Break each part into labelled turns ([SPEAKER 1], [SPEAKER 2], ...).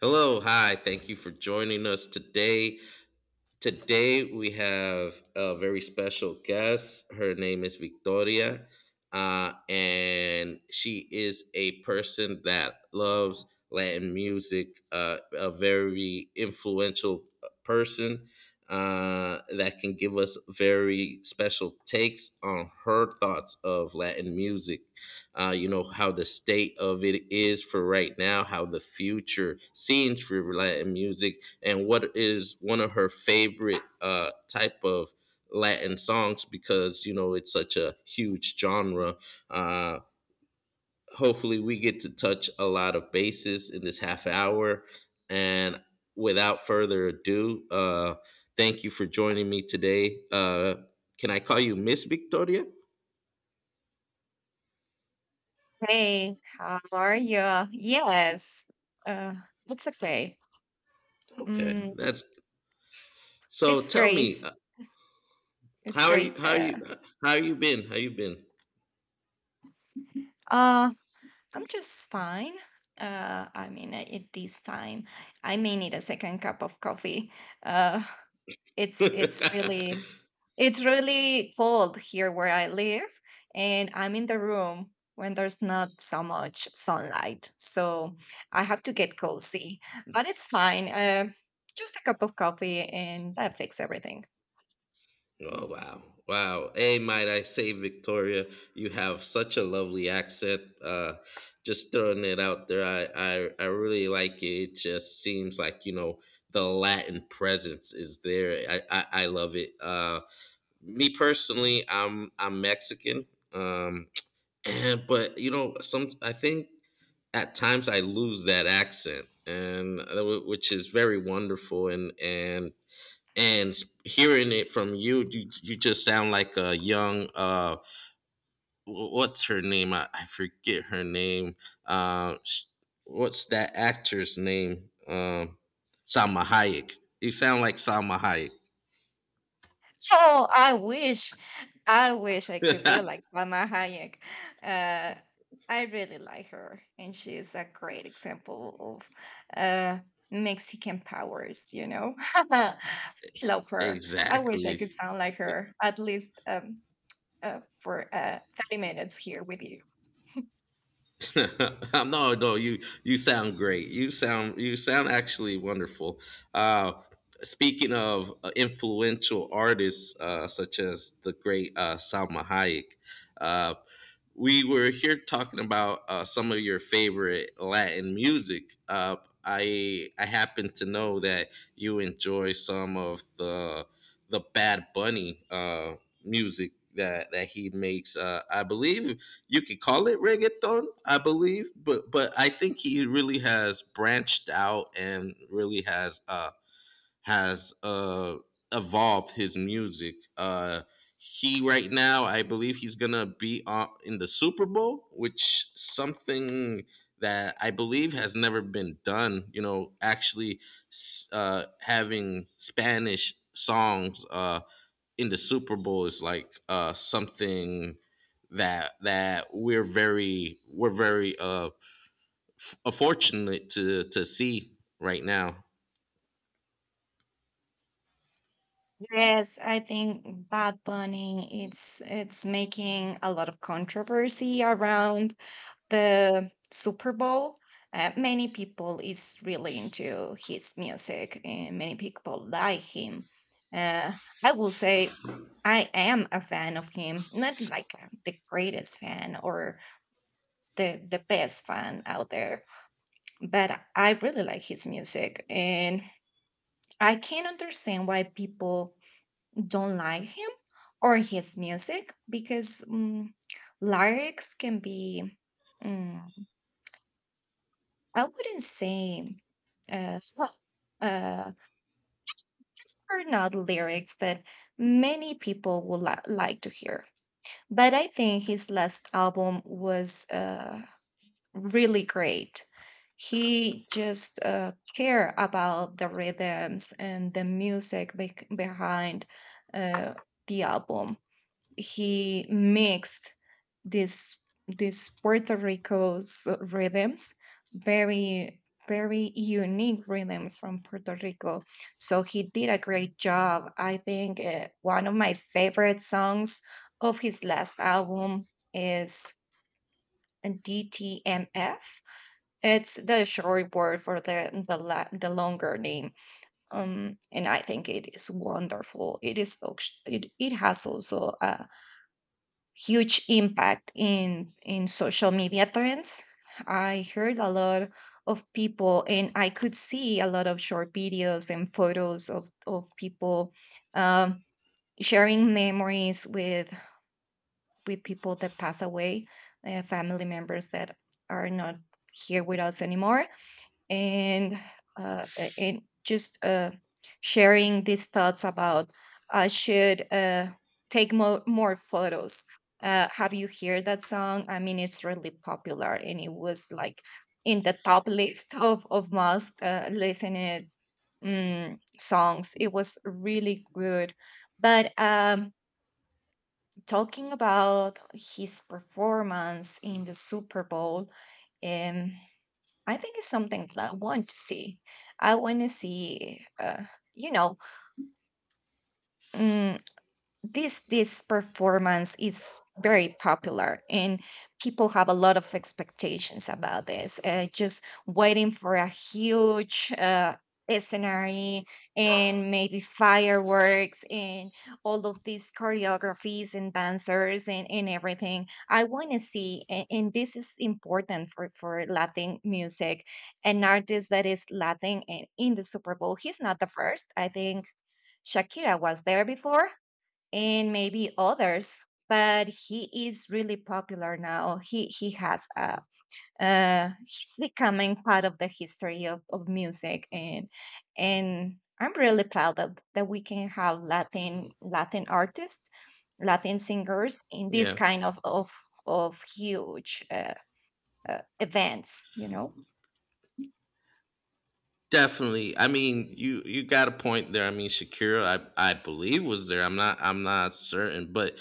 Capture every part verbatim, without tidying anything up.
[SPEAKER 1] Hello, hi. Thank you for joining us today. Today we have a very special guest. Her name is Victoria, uh, and she is a person that loves Latin music. Uh, a very influential uh, person uh, that can give us very special takes on her thoughts of Latin music. Uh, you know how the state of it is for right now, how the future seems for Latin music and what is one of her favorite uh, type of Latin songs because you know it's such a huge genre. Uh, hopefully, we get to touch a lot of bases in this half hour. And without further ado, uh, thank you for joining me today. Uh, can I call you Miss Victoria?
[SPEAKER 2] Hey, how are you? Yes, uh, it's okay.
[SPEAKER 1] Okay,
[SPEAKER 2] Mm,
[SPEAKER 1] that's so.
[SPEAKER 2] it's
[SPEAKER 1] Tell me,
[SPEAKER 2] Grace.
[SPEAKER 1] uh,
[SPEAKER 2] It's
[SPEAKER 1] how are you?
[SPEAKER 2] great.
[SPEAKER 1] How are you?
[SPEAKER 2] Uh,
[SPEAKER 1] How you been? How you
[SPEAKER 2] uh, I'm just fine. Uh, I mean, uh, at this time, I may need a second cup of coffee. Uh, it's
[SPEAKER 1] been?
[SPEAKER 2] it's really It's really cold here where I live, and I'm in the room when there's not so much sunlight. So I have to get cozy, but it's fine. Uh, just a cup of coffee, and that fixes everything.
[SPEAKER 1] Oh wow, wow! Hey, might I say, Victoria, you have such a lovely accent. Uh, just throwing it out there, I, I I really like it. It just seems like you know the Latin presence is there. I I, I love it. Uh, me personally, I'm I'm Mexican. Um, and but you know some I think at times I lose that accent, and uh, wh- which is very wonderful. And and and s- hearing it from you, you you just sound like a young uh wh- what's her name? I, I forget her name. Uh sh- what's that actor's name? Um Salma Hayek. You sound like Salma
[SPEAKER 2] Oh, I wish, I wish I could be
[SPEAKER 1] Hayek.
[SPEAKER 2] like Mama Hayek. Uh, I really like her, and she is a great example of uh, Mexican powers. You know, I love her. I wish I could
[SPEAKER 1] exactly.
[SPEAKER 2] sound like her at least um, uh, for uh, thirty minutes here with you.
[SPEAKER 1] No, no, you you sound great. You sound you sound actually wonderful. Uh, speaking of uh, influential artists uh, such as the great uh, Salma Hayek, uh, we were here talking about uh, some of your favorite Latin music. Uh, I I happen to know that you enjoy some of the the Bad Bunny uh, music that that he makes. Uh, I believe you could call it reggaeton, I believe, but but I think he really has branched out and really has uh has uh evolved his music. Uh he right now, I believe he's gonna be on in the Super Bowl, which something that I believe has never been done. You know, actually s- uh, having Spanish songs. Uh, in the Super Bowl is like uh something that that we're very we're very uh f- fortunate to to see right now.
[SPEAKER 2] Yes, I think Bad Bunny it's it's making a lot of controversy around the Super Bowl. Uh, many people is really into his music, and many people like him. Uh, I will say I am a fan of him, not like uh, the greatest fan or the the best fan out there, but I really like his music, and I can understand why people don't like him or his music because mm lyrics can be. mm, I wouldn't say uh, well, uh, are not lyrics that many people would li- like to hear. But I think his last album was uh, really great. He just uh, care about the rhythms and the music bec behind uh, the album he mixed this this Puerto Rico's rhythms, very very unique rhythms from Puerto Rico. So he did a great job. I think uh, one of my favorite songs of his last album is D T M F. It's the short word for the the la- the longer name. Um, and I think it is wonderful. It is ox- it, it has also a huge impact in in social media trends. I heard a lot of people, and I could see a lot of short videos and photos of of people, um, sharing memories with with people that pass away, uh, family members that are not here with us anymore, and uh, uh, and just uh, sharing these thoughts about I should uh, take more more photos. Uh, have you heard that song? I mean, it's really popular, and it was like in the top list of of most uh, listened um, songs. It was really good, but um, talking about his performance in the Super Bowl. Um, I think it's something that I want to see. I want to see, uh, you know, mm this this performance is very popular, and people have a lot of expectations about this, uh, just waiting for a huge uh, scenery and maybe fireworks and all of these choreographies and dancers, and, and everything I want to see, and, and this is important for for Latin music. An artist that is Latin and in the Super Bowl, he's not the first, I think. Shakira was there before, and maybe others, but he is really popular now. He he has a uh he's becoming part of the history of, of music, and and I'm really proud that that we can have latin latin artists, Latin singers in this
[SPEAKER 1] Yeah,
[SPEAKER 2] kind of of of huge uh, uh, events, you know.
[SPEAKER 1] definitely. I mean, you you got a point there. I mean, Shakira, I I believe was there. I'm not I'm not certain, but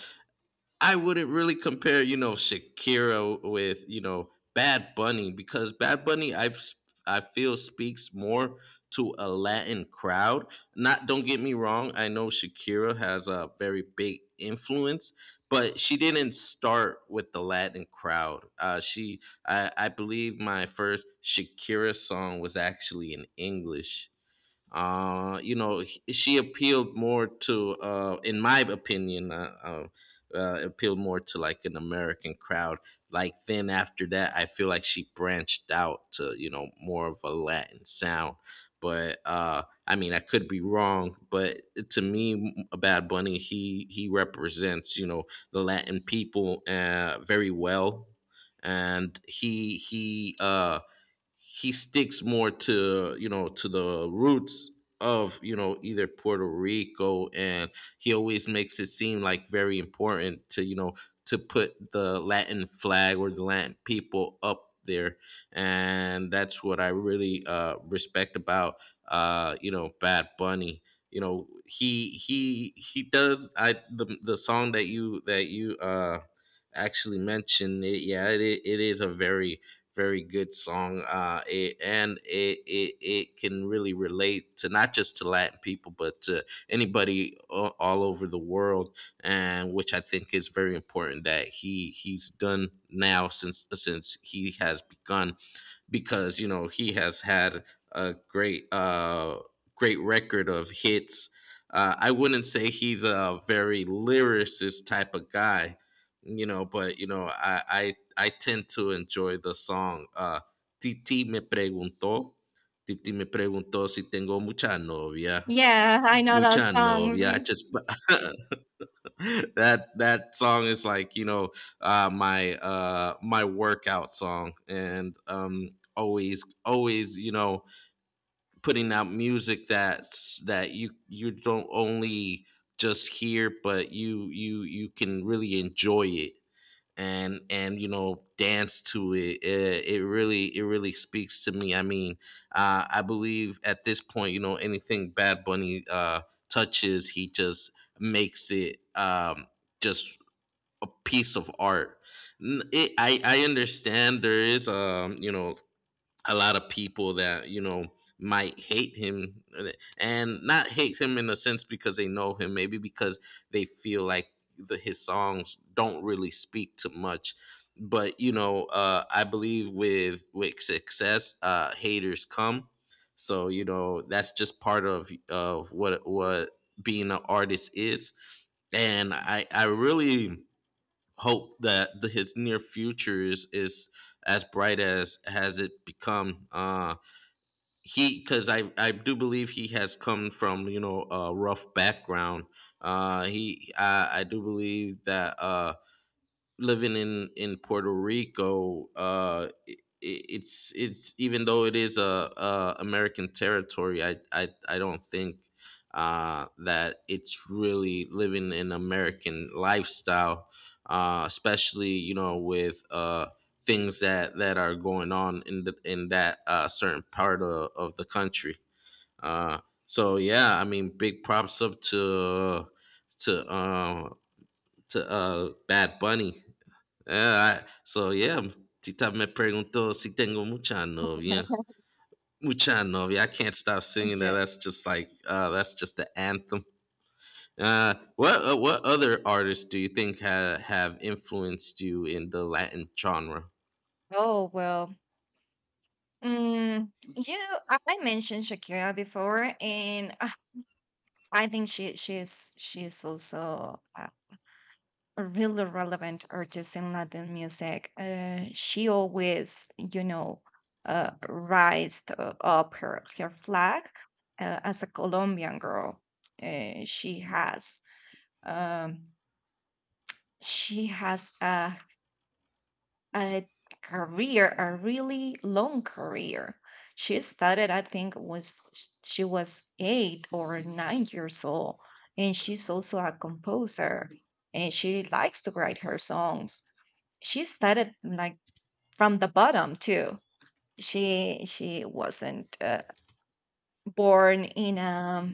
[SPEAKER 1] I wouldn't really compare, you know, Shakira with, you know, Bad Bunny, because Bad Bunny I've I feel speaks more to a Latin crowd. Not, don't get me wrong, I know Shakira has a very big influence, but she didn't start with the Latin crowd. Uh she I I believe my first Shakira song was actually in English, uh, you know, h- she appealed more to, uh, in my opinion, uh, uh, uh, appealed more to like an American crowd. Like then after that, I feel like she branched out to you know more of a Latin sound. But uh, I mean, I could be wrong, but to me, m- Bad Bunny he he represents you know the Latin people uh, very well, and he he uh, he sticks more to you know to the roots of you know either Puerto Rico, and he always makes it seem like very important to you know to put the Latin flag or the Latin people up there, and that's what I really uh respect about uh you know Bad Bunny. You know he he he does I the the song that you that you uh actually mentioned, it, yeah, it, i- it is a very very good song. Uh, it, and it, it It can really relate to not just to Latin people, but to anybody a- all over the world. And which I think is very important that he he's done now since since he has begun, because you know he has had a great uh great record of hits. Uh, I wouldn't say he's a very lyricist type of guy, you know, but you know I I, I tend to enjoy the song. Uh, Titi me preguntó. Titi me preguntó si tengo mucha novia,
[SPEAKER 2] Yeah, I know those
[SPEAKER 1] mucha
[SPEAKER 2] songs.
[SPEAKER 1] novia.
[SPEAKER 2] Mm.
[SPEAKER 1] Just that that song is like you know, uh, my uh, my workout song, and um, always always you know putting out music that's that you you don't only just hear, but you you you can really enjoy it, and and you know dance to it. it it really it really speaks to me. I mean, uh I believe at this point, you know, anything Bad Bunny uh touches, he just makes it, um just a piece of art. N- it, I I understand there is, um you know, a lot of people that you know might hate him, uh, and not hate him in a sense because they know him, maybe because they feel like the his songs don't really speak to much. But you know, uh I believe with with success uh haters come, so you know that's just part of of what what being an artist is. And i i really hope that the, his near future is is as bright as has it become. Uh, he because I I do believe he has come from you know a rough background. Uh, he I, I do believe that uh living in in Puerto Rico, uh, it, it's it's even though it is a, a American territory, I, I I don't think, uh, that it's really living an American lifestyle, uh, especially you know with, uh, things that that are going on in the, in that uh, certain part of, of the country. Uh, so yeah, I mean, big props up to to uh, to uh, Bad Bunny. Ah, I- so yeah, Tita me preguntó si tengo mucha novia. Mucha novia. I can't stop singing that.
[SPEAKER 2] Ju-
[SPEAKER 1] That's just like uh, that's just the anthem. Uh, what uh, what other artists do you think ha- have influenced you in the Latin genre?
[SPEAKER 2] Oh well. Mm, you I I mentioned Shakira before, and I think she she is she is also a a really relevant artist in Latin music. Uh, she always, you know, uh, raised uh, up her her flag uh, as a Colombian girl. Uh, she has um, she has a a career, a really long career. She started, I think, was sh- she was eight or nine years old, and she's also a composer, and she likes to write her songs. She started like from the bottom too. She she wasn't uh, born in a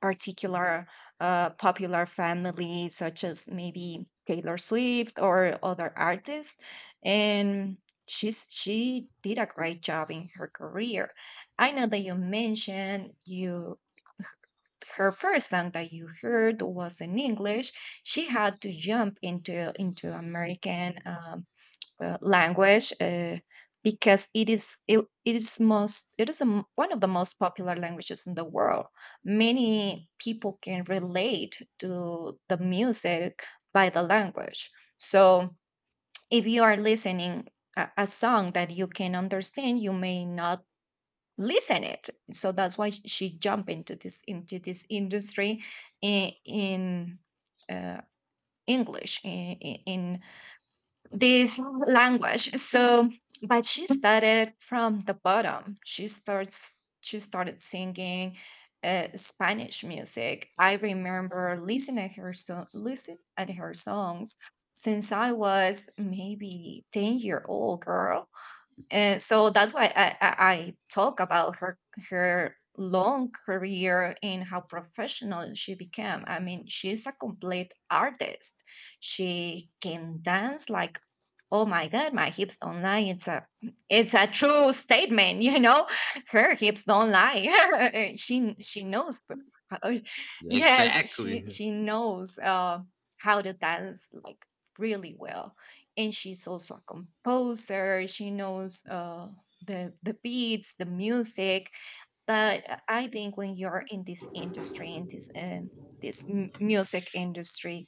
[SPEAKER 2] particular uh, popular family, such as maybe Taylor Swift or other artists. And she's she did a great job in her career. I know that you mentioned you her first song that you heard was in English. She had to jump into into American um, uh, language uh, because it is it, it is most it is a m one of the most popular languages in the world. Many people can relate to the music by the language. So if you are listening a, a song that you can understand, you may not listen it. So that's why sh- she jumped into this into this industry in, in uh, English in, in this language. So, but she started from the bottom. She starts. She started singing uh, Spanish music. I remember listening at her so listen at her songs since I was maybe ten year old girl, and so that's why I, I, I talk about her her long career and how professional she became. I mean, she's a complete artist. She can dance like, oh my god, my hips don't lie. It's a it's a true statement, you know. Her hips don't lie. she she knows. how- Yes, she
[SPEAKER 1] Exactly.
[SPEAKER 2] she knows uh, how to dance like really well, and she's also a composer. She knows uh, the the beats, the music. But I I think when you're in this industry, in this um, this m- music industry,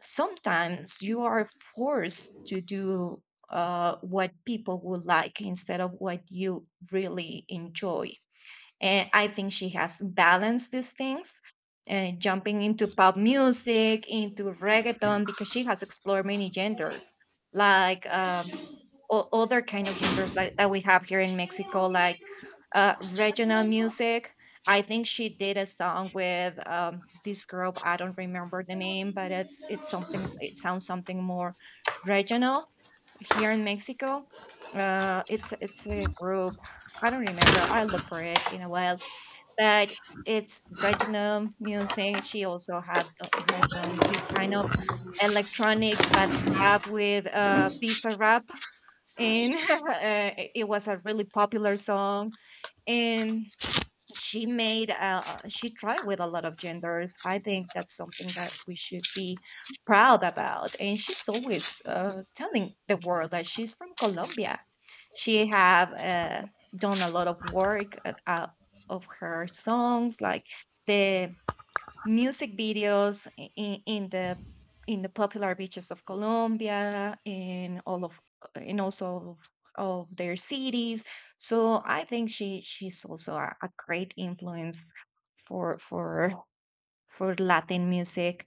[SPEAKER 2] sometimes you are forced to do uh, what people would like instead of what you really enjoy. And I think she has balanced these things, uh, jumping into pop music, into reggaeton, because she has explored many genders, like um, o- other kind of genders like that we have here in Mexico, like uh, regional music. I think she did a song with um, this group. I don't remember the name, but it's it's something. It sounds something more regional here in Mexico. Uh, it's it's a group. I don't remember. I'll look for it in a while, but it's regional music. She also had do- had done this kind of electronic but rap with uh Bisa rap in uh, it it was a really popular song, and she made uh, she tried with a lot of genders. I think that's something that we should be proud about, and she's always uh, telling the world that she's from Colombia. She have uh, done a lot of work uh, out of her songs, like the music videos in, in the in the popular beaches of Colombia, in all of in also of, of their cities. So I think she she's also a, a great influence for for for Latin music,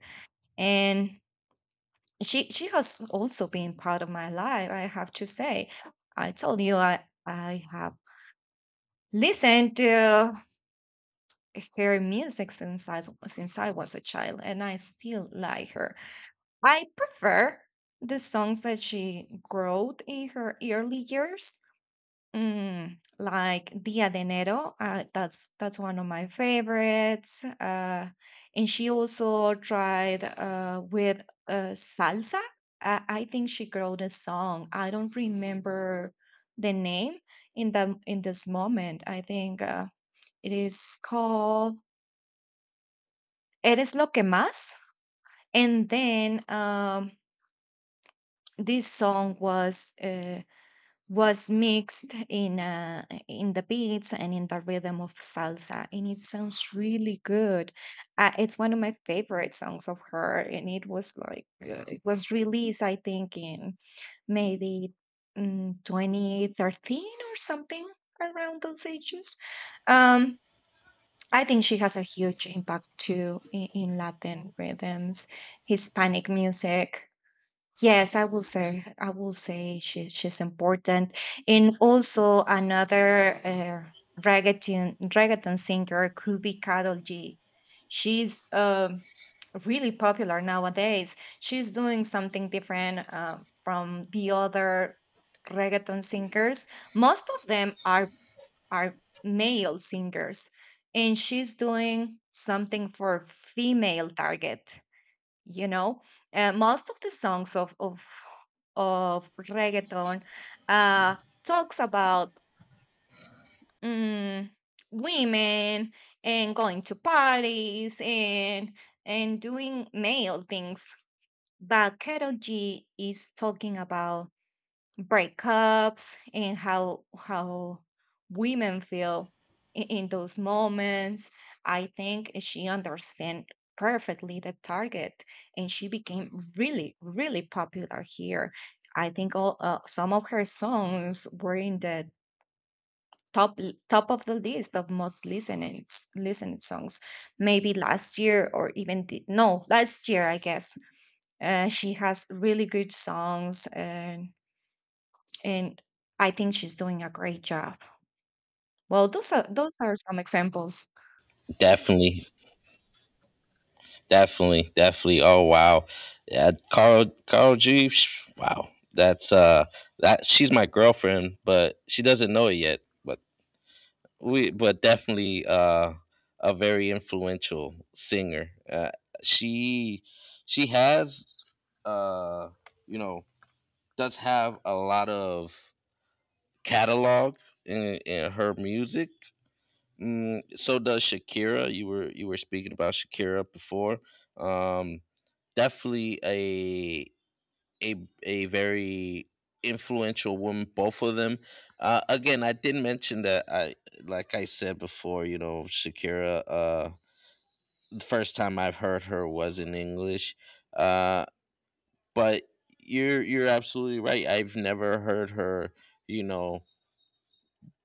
[SPEAKER 2] and she she has also been part of my life. I have to say, I told you I I have listened to her music since I s- since I was a child, and I still like her. I prefer the songs that she wrote in her early years, mm, like Dia de Enero. Uh, that's that's one of my favorites. Uh, and she also tried uh, with uh, salsa. I, I think she wrote a song. I don't remember the name in the in this moment. I think uh, it is called "Eres lo que más." And then um, this song was. Uh, was mixed in uh, in the beats and in the rhythm of salsa, and it sounds really good. uh, it's one of my favorite songs of her, and it was like uh, it was released I think in maybe mm, twenty thirteen or something around those ages. um I think she has a huge impact too in, in Latin rhythms, Hispanic music. Yes, I will say I will say she, she's important. And also another uh, reggaeton reggaeton singer could be Karol G. She's um, really popular nowadays. She's doing something different uh, from the other reggaeton singers. Most of them are are male singers, and she's doing something for female target, you know. uh, most of the songs of of of reggaeton uh talks about mm, women and going to parties and and doing male things, but Karol G is talking about breakups and how how women feel in, in those moments. I think she understand perfectly the target, and she became really really popular here. I think all, uh, some of her songs were in the top l- top of the list of most listening listened songs, maybe last year or even the, no last year, I guess. uh, she has really good songs, uh, and I think she's doing a great job. Well, those are those are some examples.
[SPEAKER 1] Definitely, definitely, definitely. Oh wow, yeah, Carl Carl G. Psh, wow, that's uh that she's my girlfriend, but she doesn't know it yet. but. we but definitely, uh a very influential singer, uh, she she has, uh you know, does have a lot of catalog in, in her music. Mm, so does Shakira. You were you were speaking about Shakira before. um Definitely a a a very influential woman, both of them. Uh again i did mention that, I like I said before, you know, Shakira, uh the first time I've heard her was in English, uh but you're you're absolutely right, I've never heard her, you know,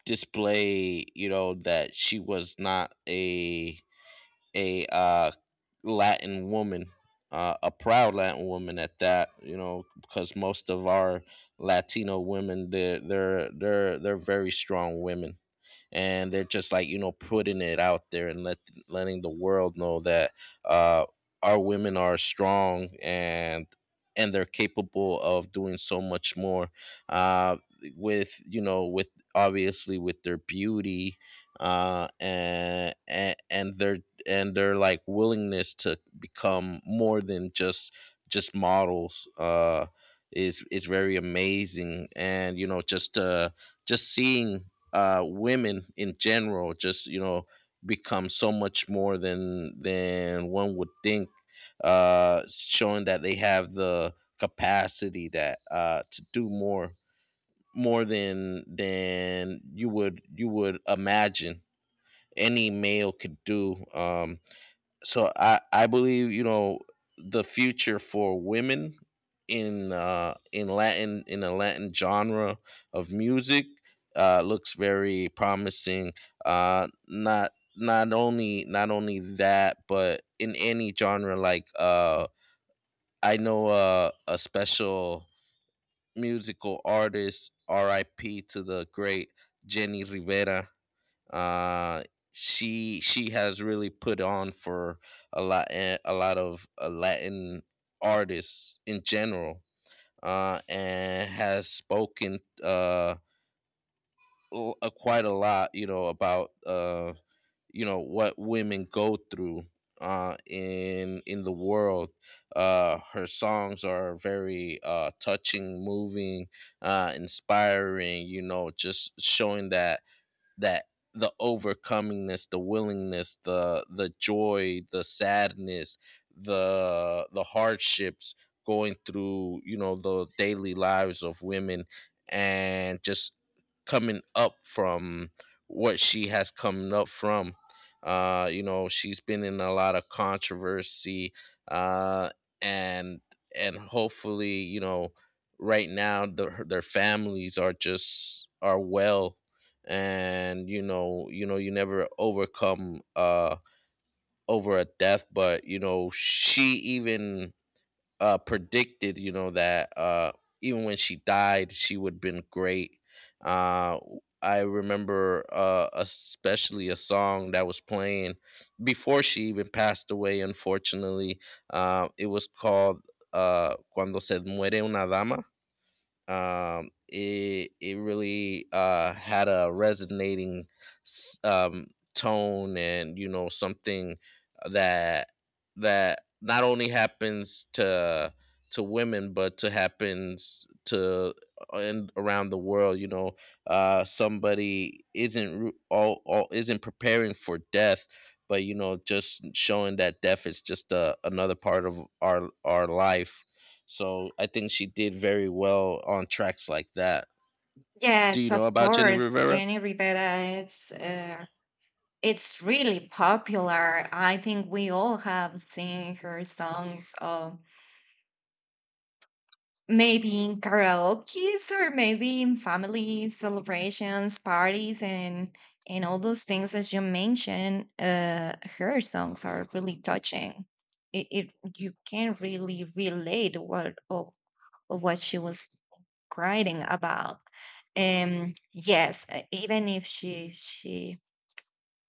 [SPEAKER 1] display, you know, that she was not a a uh, Latin woman, uh, a proud Latin woman at that. You know, because most of our Latino women, they're they're they're they're very strong women, and they're just like you know putting it out there and let letting the world know that, uh, our women are strong, and and they're capable of doing so much more, uh, with you know, with, obviously, with their beauty, uh, and, and and their and their like willingness to become more than just just models, uh, is is very amazing, and you know just, uh, just seeing, uh, women in general, just you know, become so much more than than one would think, uh showing that they have the capacity that uh to do more, more than than you would you would imagine any male could do. Um so I I believe, you know, the future for women in, uh in Latin, in the Latin genre of music, uh looks very promising. Uh not not only not only that, but in any genre, like, uh I know, uh, a special musical artist, R I P to the great Jenny Rivera. uh, she she has really put on for a lot eh, a lot of, uh, Latin artists in general, uh, and has spoken, uh, l- uh, quite a lot, you know, about, uh, you know what women go through, uh, in in the world. Uh, her songs are very, uh, touching, moving, uh, inspiring. You know, just showing that that the overcomingness, the willingness, the the joy, the sadness, the the hardships, going through, you know, the daily lives of women, and just coming up from what she has come up from. Uh, you know, she's been in a lot of controversy, uh, and and hopefully, you know, right now the, her- their families are just are well. And you know you know you never overcome uh over a death, but you know she even uh predicted, you know that uh even when she died she would have been great. uh I remember uh especially a song that was playing before she even passed away, unfortunately. Uh it was called uh "Cuando Se Muere Una Dama." um it it really uh had a resonating s- um tone, and you know, something uh, that that not only happens to to women, but to happens to and around the world, you know. Uh somebody isn't ru- all, all isn't preparing for death, but you know, just showing that death is just a, another part of our our life. So I think she did very well on tracks like that. Do you
[SPEAKER 2] Yes,
[SPEAKER 1] know
[SPEAKER 2] of
[SPEAKER 1] about Jenny
[SPEAKER 2] course,
[SPEAKER 1] Rivera?
[SPEAKER 2] Jenny Rivera. It's uh, it's really popular. I think we all have seen her songs. Um, Maybe in karaoke's or maybe in family celebrations, parties, and and all those things as you mentioned. Uh, her songs are really touching. It, it you can really relate what of, of what she was writing about. Um, yes, uh, even if she she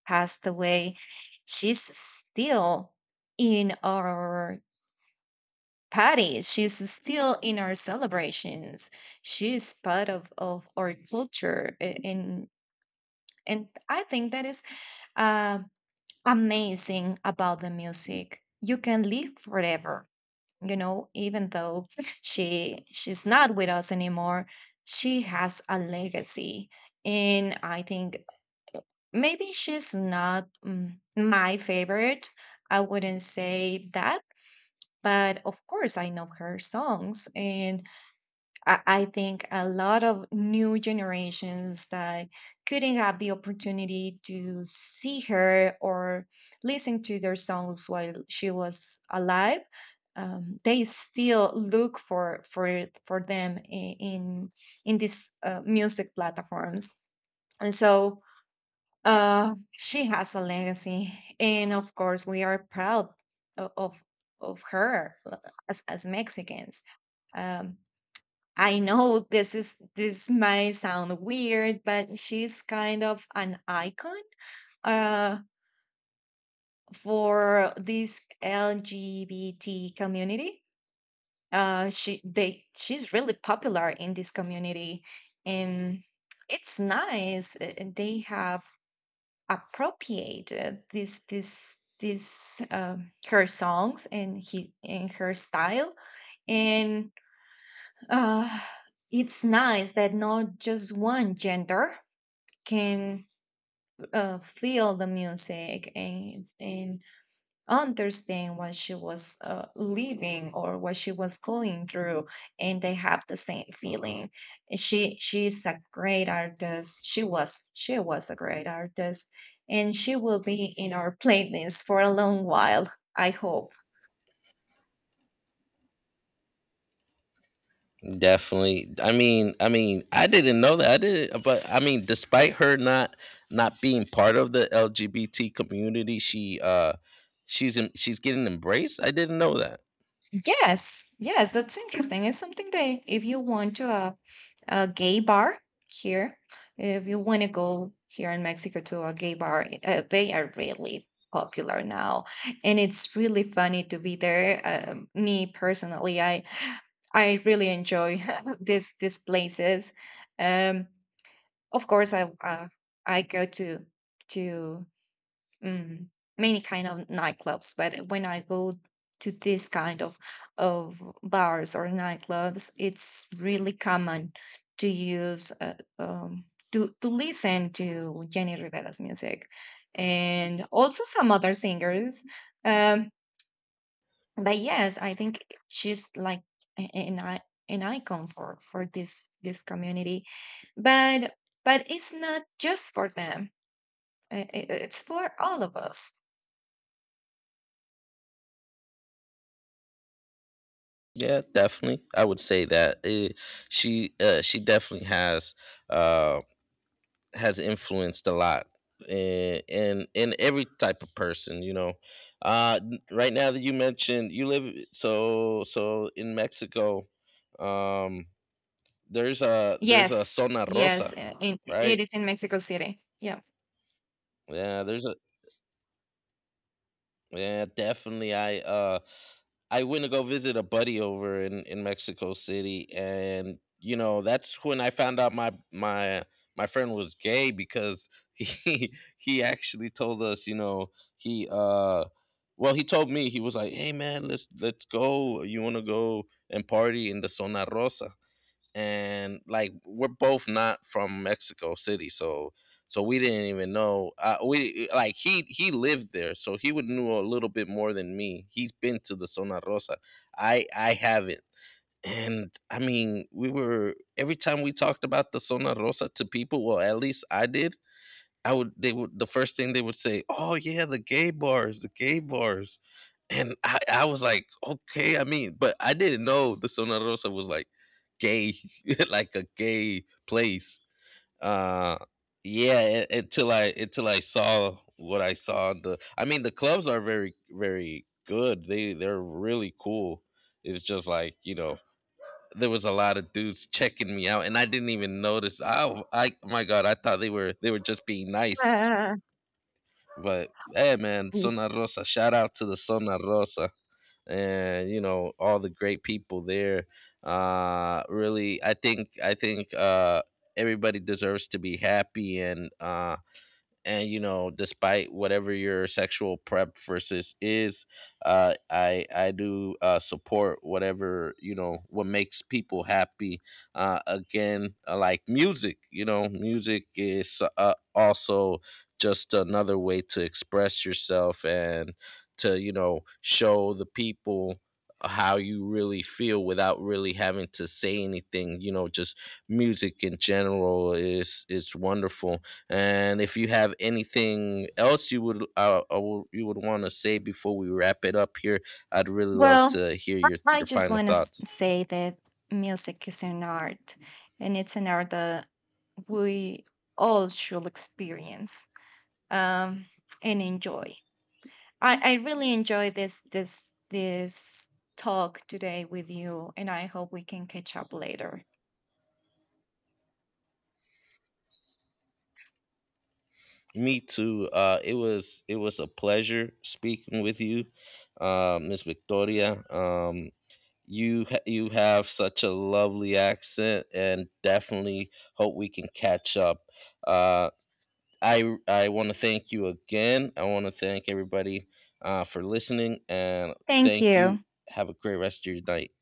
[SPEAKER 2] passed away, she's still in our Patty, she's still in our celebrations. She's part of, of our culture. a- And, and I think that is uh, amazing about the music. You can live forever, you know, even though she she's not with us anymore, she has a legacy. And I think maybe she's not mm, my favorite. I wouldn't say that, but of course I know her songs, and I I think a lot of new generations that couldn't have the opportunity to see her or listen to their songs while she was alive, um, they still look for for for them i- in in these uh, music platforms. And so uh, she has a legacy, and of course we are proud o- of of her uh, as as Mexicans. Um, I know this is this might sound weird, but she's kind of an icon uh, for this L G B T community. Uh, she they she's really popular in this community, and it's nice. uh, uh, They have appropriated this this this um her songs and he and her style, and uh, it's nice that not just one gender can uh, feel the music, and, and understand what she was uh, living or what she was going through, and they have the same feeling. she she's a great artist, she was she was a great artist, and she will be in our playlist for a long while, I hope.
[SPEAKER 1] Definitely. I mean, I mean, I didn't know that. I didn't, but I mean, despite her not not being part of the L G B T community, she uh she's in, she's getting embraced. I didn't know that.
[SPEAKER 2] Yes, yes, that's interesting. It's something that if you want to a, a gay bar here, if you want to go here in Mexico to a gay bar, uh, they are really popular now, and it's really funny to be there. Um, me personally, I I really enjoy this these places. Um, of course, I uh, I go to to mm, many kind of nightclubs, but when I go to this kind of of bars or nightclubs, it's really common to use uh, um, to to listen to Jenny Rivera's music, and also some other singers. um but yes, I think she's like a- an i an icon for for this this community, but but it's not just for them. Uh, it- it's for all of us.
[SPEAKER 1] Yeah, definitely. I would say that. Eh, she uh, she definitely has um has influenced a lot in in, in every type of person, you know. Uh n- right now that you mentioned, you live so so in Mexico. um there's a there's a
[SPEAKER 2] Yes,
[SPEAKER 1] Zona Rosa.
[SPEAKER 2] yes, uh, in, it
[SPEAKER 1] Right.
[SPEAKER 2] is in Mexico City. Yeah.
[SPEAKER 1] Yeah, there's a yeah, definitely. I uh I went to go visit a buddy over in in Mexico City, and you know, that's when I found out my my my friend was gay because he he actually told us, you know, he uh, well, he told me. He was like, "Hey, man, let's let's go. You want to go and party in the Zona Rosa?" And like, we're both not from Mexico City, so so we didn't even know. Uh, we like he he lived there, so he would knew a little bit more than me. He's been to the Zona Rosa. I I haven't, and I mean, we were every time we talked about the Zona Rosa to people. Well, at least I did. I would they would, the first thing they would say, "Oh yeah, the gay bars, the gay bars," and I, I was like, "Okay." I mean, but I didn't know the Zona Rosa was like gay, like a gay place. Uh, yeah, u- until I until I saw what I saw. The I mean, the clubs are very very good. They they're really cool. It's just like, you know. There was a lot of dudes checking me out, and I didn't even notice. I, I, my God, I thought they were they were just being nice. But hey, man, Zona Rosa, shout out to the Zona Rosa and, you know, all the great people there. Uh, really, I think I think uh, everybody deserves to be happy. And Uh, and you know, despite whatever your sexual preferences is, uh i i do uh support whatever, you know, what makes people happy. Uh again, uh, like music, you know, music is, uh, also just another way to express yourself and to, you know, show the people how you really feel without really having to say anything, you know. Just music in general is is wonderful. And if you have anything else you would uh, uh, w- you would want to say before we wrap it up here, I'd really love
[SPEAKER 2] Well,
[SPEAKER 1] to hear
[SPEAKER 2] I
[SPEAKER 1] your
[SPEAKER 2] I
[SPEAKER 1] your
[SPEAKER 2] just
[SPEAKER 1] final
[SPEAKER 2] want to
[SPEAKER 1] thoughts.
[SPEAKER 2] say that music is an art, and it's an art that we all should experience, um, and enjoy. I, I really enjoy this this this talk today with you, and I hope we can catch up later.
[SPEAKER 1] Me too. Uh, it was it was a pleasure speaking with you, uh, Miss Victoria. Um, you ha- you have such a lovely accent, and definitely hope we can catch up. Uh, I I want to thank you again. I want to thank everybody, uh, for listening. And
[SPEAKER 2] Thank
[SPEAKER 1] thank you.
[SPEAKER 2] you.
[SPEAKER 1] Have a great rest of your night.